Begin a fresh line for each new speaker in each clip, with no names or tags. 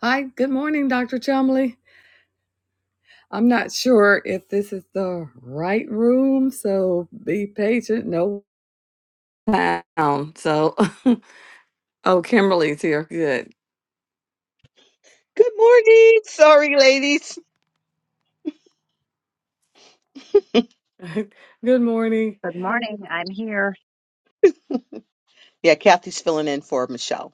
Hi, good morning, Dr. Chumley. I'm not sure if this is the right room, so be patient. No sound. So, oh, Kimberly's here. Good.
Good morning. Sorry, ladies.
good morning.
Good morning. I'm here.
Yeah, Kathy's filling in for Michelle.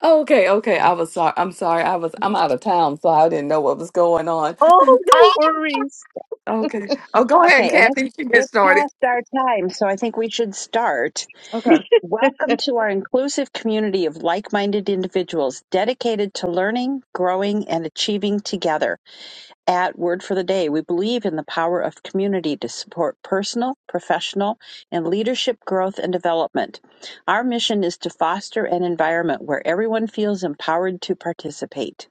Oh, Okay, okay. I was sorry. I'm sorry. I was. I'm out of town, so I didn't know what was going on.
Oh, no worries.
okay. Oh, go ahead,
Okay, and it's
Kathy. You can get
it's
started.
past our time, so I think we should start.
Okay.
Welcome to our inclusive community of like-minded individuals dedicated to learning, growing, and achieving together. At Word for the Day, we believe in the power of community to support personal, professional, and leadership growth and development. Our mission is to foster an environment where everyone feels empowered to participate.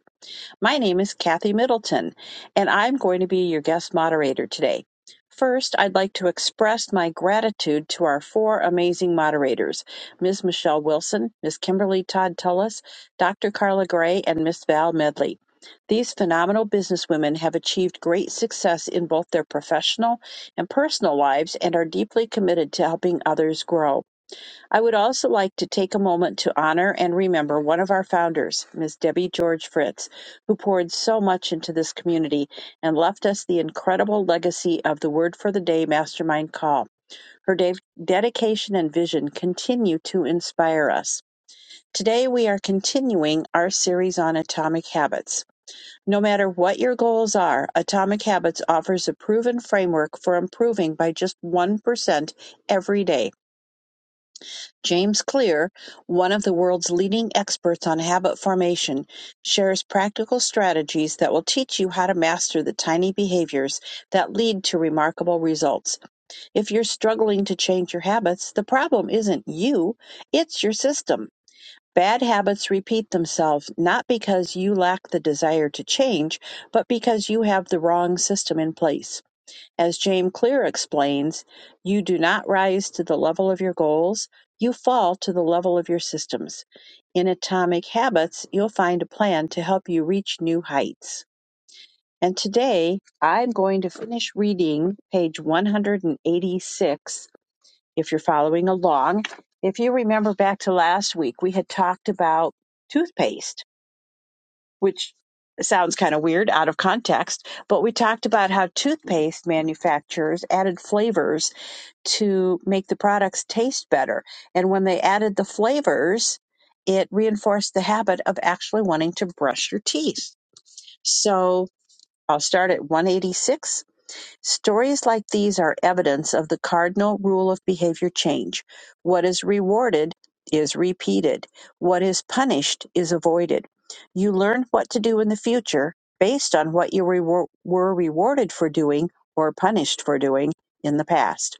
My name is Kathy Middleton, and I'm going to be your guest moderator today. First, I'd like to express my gratitude to our four amazing moderators Ms. Michelle Wilson, Ms. Kimberly Todd Tullis, Dr. Carla Gray, and Ms. Val Medley. These phenomenal businesswomen have achieved great success in both their professional and personal lives and are deeply committed to helping others grow. I would also like to take a moment to honor and remember one of our founders, Ms. Debbie George Fritz, who poured so much into this community and left us the incredible legacy of the Word for the Day Mastermind Call. Her de- dedication and vision continue to inspire us. Today, we are continuing our series on atomic habits. No matter what your goals are, Atomic Habits offers a proven framework for improving by just 1% every day James Clear, one of the world's leading experts on habit formation, shares practical strategies that will teach you how to master the tiny behaviors that lead to remarkable results. If you're struggling to change your habits, the problem isn't you, it's your system. Bad habits repeat themselves not because you lack the desire to change, but because you have the wrong system in place. As James Clear explains, you do not rise to the level of your goals, you fall to the level of your systems. In Atomic Habits, you'll find a plan to help you reach new heights. And today, I'm going to finish reading page 186 if you're following along. If you remember back to last week, we had talked about toothpaste, which sounds kind of weird out of context, but we talked about how toothpaste manufacturers added flavors to make the products taste better. And when they added the flavors, it reinforced the habit of actually wanting to brush your teeth. So I'll start at 186. Stories like these are evidence of the cardinal rule of behavior change. What is rewarded is repeated, what is punished is avoided. You learn what to do in the future based on what you rewar- were rewarded for doing or punished for doing in the past.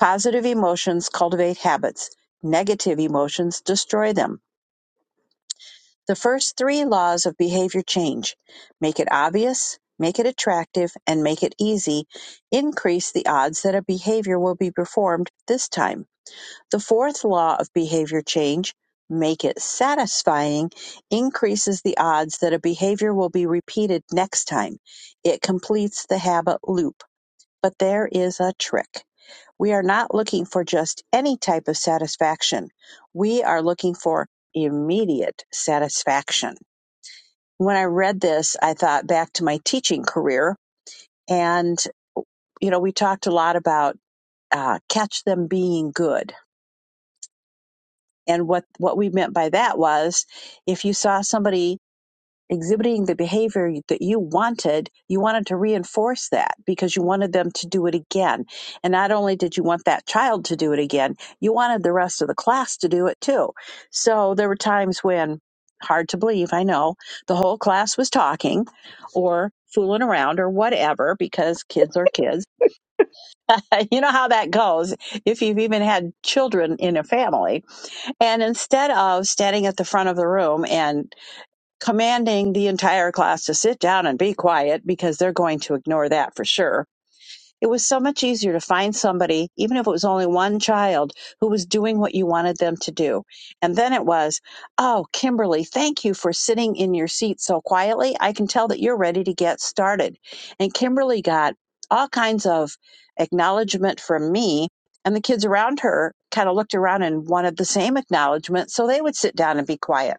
Positive emotions cultivate habits. Negative emotions destroy them. The first three laws of behavior change make it obvious, make it attractive, and make it easy increase the odds that a behavior will be performed this time. The fourth law of behavior change make it satisfying increases the odds that a behavior will be repeated next time. It completes the habit loop. But there is a trick. We are not looking for just any type of satisfaction. We are looking for immediate satisfaction. When I read this, I thought back to my teaching career. And, you know, we talked a lot about uh, catch them being good. And what, what we meant by that was if you saw somebody exhibiting the behavior that you wanted, you wanted to reinforce that because you wanted them to do it again. And not only did you want that child to do it again, you wanted the rest of the class to do it too. So there were times when, hard to believe, I know, the whole class was talking or fooling around or whatever because kids are kids. You know how that goes if you've even had children in a family. And instead of standing at the front of the room and commanding the entire class to sit down and be quiet because they're going to ignore that for sure. It was so much easier to find somebody, even if it was only one child, who was doing what you wanted them to do. And then it was, oh, Kimberly, thank you for sitting in your seat so quietly. I can tell that you're ready to get started. And Kimberly got all kinds of acknowledgement from me. And the kids around her kind of looked around and wanted the same acknowledgement. So they would sit down and be quiet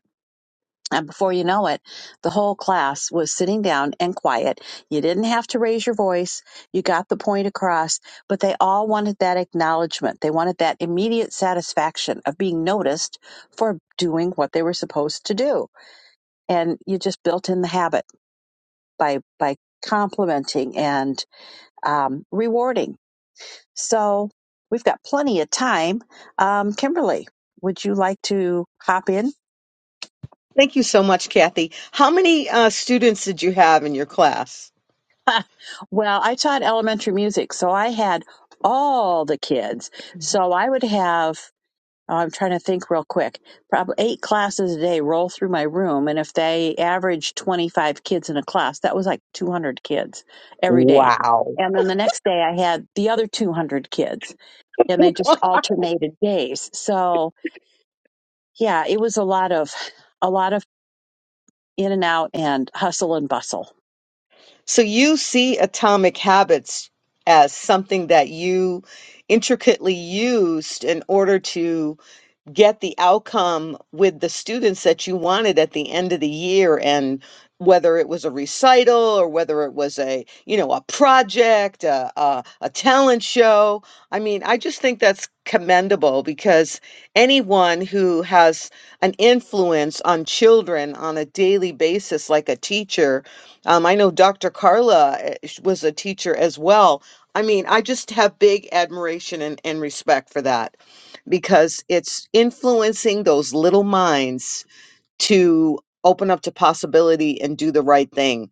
and before you know it, the whole class was sitting down and quiet. You didn't have to raise your voice. You got the point across, but they all wanted that acknowledgement. They wanted that immediate satisfaction of being noticed for doing what they were supposed to do. And you just built in the habit by, by complimenting and um, rewarding. So we've got plenty of time. Um, Kimberly, would you like to hop in
Thank you so much, Kathy. How many uh, students did you have in your class?
Well, I taught elementary music, so I had all the kids. So I would have, oh, I'm trying to think real quick, probably eight classes a day roll through my room. And if they averaged 25 kids in a class, that was like 200 kids every day.
Wow.
And then the next day I had the other 200 kids and they just alternated days. So yeah, it was a lot of, a lot of in and out and hustle and bustle.
So you see atomic habits as something that you intricately used in order to get the outcome with the students that you wanted at the end of the year and whether it was a recital or whether it was a you know a project a, a, a talent show i mean i just think that's commendable because anyone who has an influence on children on a daily basis like a teacher um, i know dr carla eh, sh- was a teacher as well i mean i just have big admiration and, and respect for that because it's influencing those little minds to open up to possibility and do the right thing.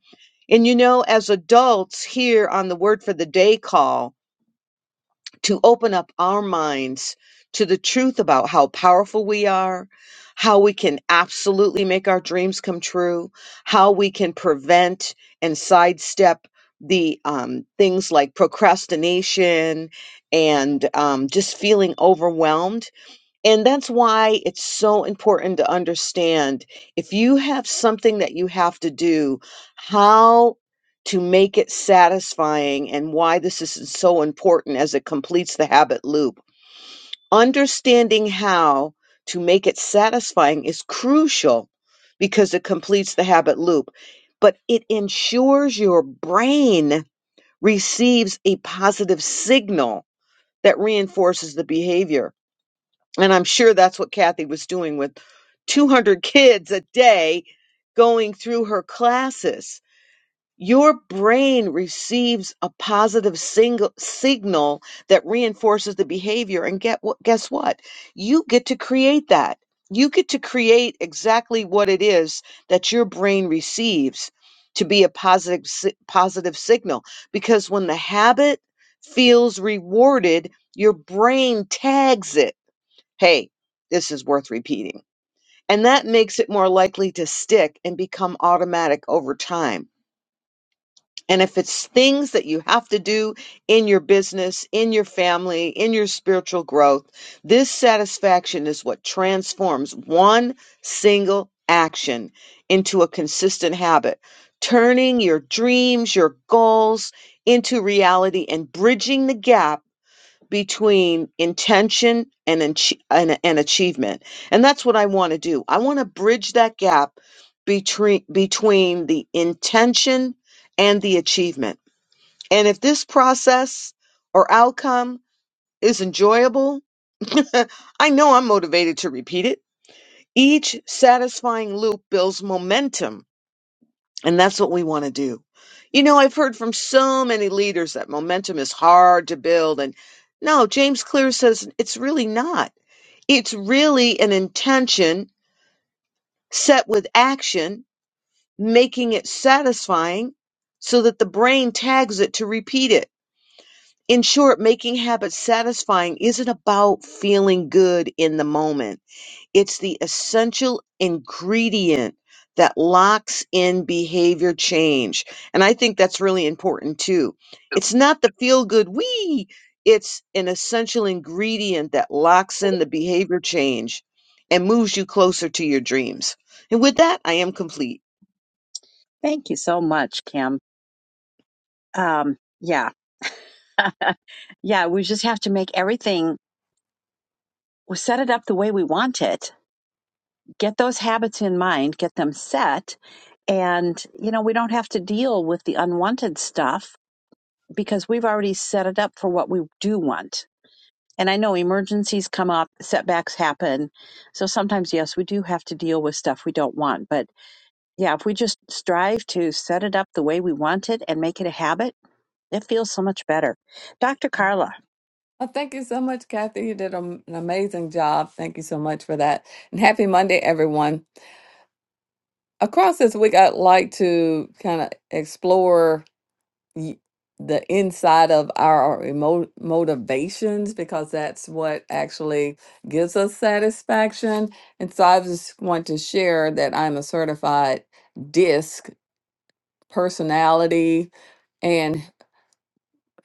And you know, as adults here on the Word for the Day call, to open up our minds to the truth about how powerful we are, how we can absolutely make our dreams come true, how we can prevent and sidestep the um, things like procrastination and um, just feeling overwhelmed and that's why it's so important to understand if you have something that you have to do, how to make it satisfying and why this is so important as it completes the habit loop. Understanding how to make it satisfying is crucial because it completes the habit loop, but it ensures your brain receives a positive signal that reinforces the behavior and I'm sure that's what Kathy was doing with 200 kids a day going through her classes. Your brain receives a positive single signal that reinforces the behavior. And get what, guess what? You get to create that. You get to create exactly what it is that your brain receives to be a positive, si- positive signal. Because when the habit feels rewarded, your brain tags it hey, this is worth repeating. And that makes it more likely to stick and become automatic over time. And if it's things that you have to do in your business, in your family, in your spiritual growth, this satisfaction is what transforms one single action into a consistent habit, turning your dreams, your goals into reality and bridging the gap between intention and, ach- and, and achievement. And that's what I want to do. I want to bridge that gap between, between the intention and the achievement. And if this process or outcome is enjoyable, I know I'm motivated to repeat it. Each satisfying loop builds momentum and that's what we want to do. You know, I've heard from so many leaders that momentum is hard to build. And no, James Clear says it's really not. It's really an intention set with action, making it satisfying so that the brain tags it to repeat it. In short, making habits satisfying isn't about feeling good in the moment. It's the essential ingredient that locks in behavior change. And I think that's really important too. It's not the feel good we, it's an essential ingredient that locks in the behavior change and moves you closer to your dreams. And with that, I am complete.
Thank you so much, Kim. Um, yeah. Yeah, we just have to make everything, we set it up the way we want it, get those habits in mind, get them set. And, you know, we don't have to deal with the unwanted stuff because we've already set it up for what we do want. And I know emergencies come up, setbacks happen. So sometimes, yes, we do have to deal with stuff we don't want. But yeah, if we just strive to set it up the way we want it and make it a habit, it feels so much better. Dr. Carla,
Well, thank you so much, Kathy. You did a- an amazing job. Thank you so much for that. And happy Monday, everyone. Across this week, I'd like to kind of explore y- the inside of our emo- motivations because that's what actually gives us satisfaction. And so I just want to share that I'm a certified DISC personality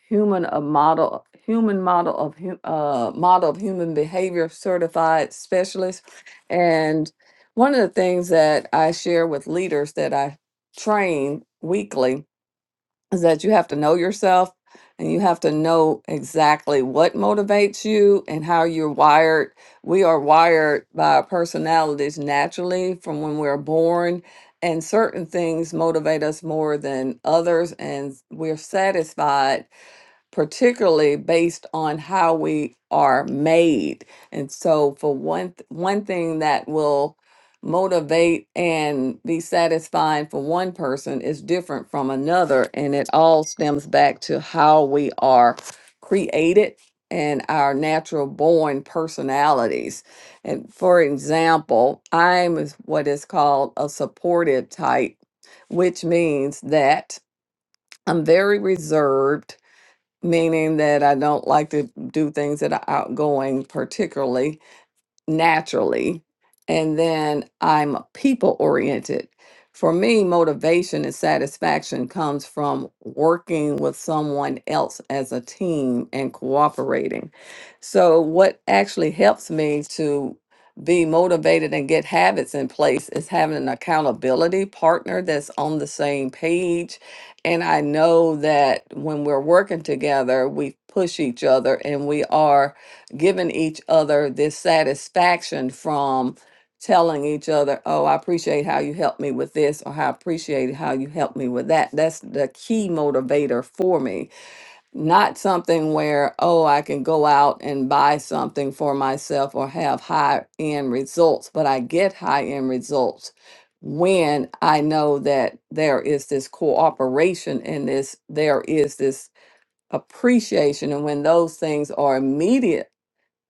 human a model human model of hu- uh model of human behavior certified specialist and one of the things that i share with leaders that i train weekly is that you have to know yourself and you have to know exactly what motivates you and how you're wired we are wired by our personalities naturally from when we're born and certain things motivate us more than others and we're satisfied particularly based on how we are made. And so for one th- one thing that will motivate and be satisfying for one person is different from another and it all stems back to how we are created and our natural born personalities. And for example, I'm is what is called a supportive type, which means that I'm very reserved meaning that I don't like to do things that are outgoing particularly naturally and then i'm people oriented for me motivation and satisfaction comes from working with someone else as a team and cooperating so what actually helps me to be motivated and get habits in place is having an accountability partner that's on the same page and i know that when we're working together we push each other and we are giving each other this satisfaction from telling each other, "Oh, I appreciate how you helped me with this," or "I appreciate how you helped me with that." That's the key motivator for me. Not something where, "Oh, I can go out and buy something for myself or have high-end results," but I get high-end results when I know that there is this cooperation and this there is this appreciation and when those things are immediate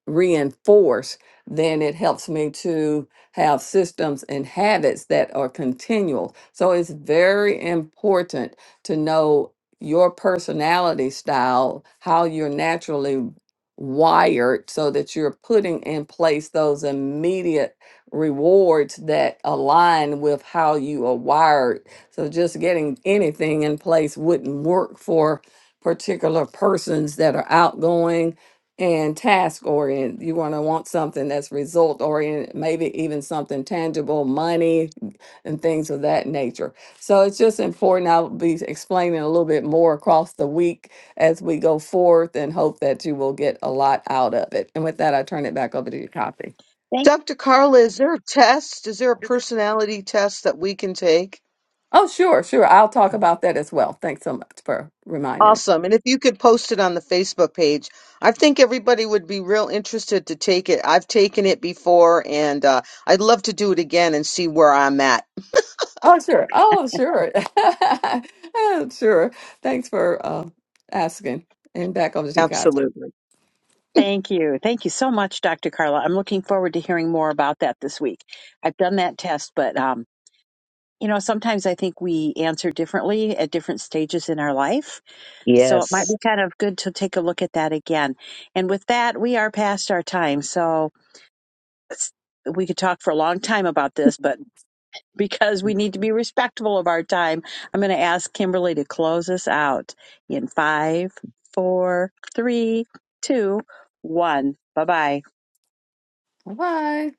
reinforce, then it helps me to have systems and habits that are continual. So it's very important to know your personality style, how you're naturally wired, so that you're putting in place those immediate rewards that align with how you are wired. So just getting anything in place wouldn't work for particular persons that are outgoing and task oriented. You want to want something that's result oriented, maybe even something tangible, money, and things of that nature. So it's just important. I'll be explaining a little bit more across the week as we go forth and hope that you will get a lot out of it. And with that, I turn it back over to you, Copy.
Thank,
Dr. Carla, is there a test? Is there a personality test that we can take?
Oh, sure, sure. I'll talk about that as well. Thanks so much for reminding me.
Awesome. And if you could post it on the Facebook page, I think everybody would be real interested to take it. I've taken it before and uh, I'd love to do it again and see where I'm at.
Oh, sure. Oh, sure. oh, sure. Thanks for uh, asking. And back over to you, Copy.
Absolutely.
thank you. Thank you so much, Dr. Carla. I'm looking forward to hearing more about that this week. I've done that test, but, um, you know, sometimes I think we answer differently at different stages in our life. So it might be
Yes.
kind of good to take a look at that again. And with that, we are past our time. So s- we could talk for a long time about this, but because we need to be respectful of our time, I'm going to ask Kimberly to close us out in five, four, three, two, one. Bye bye.
Bye.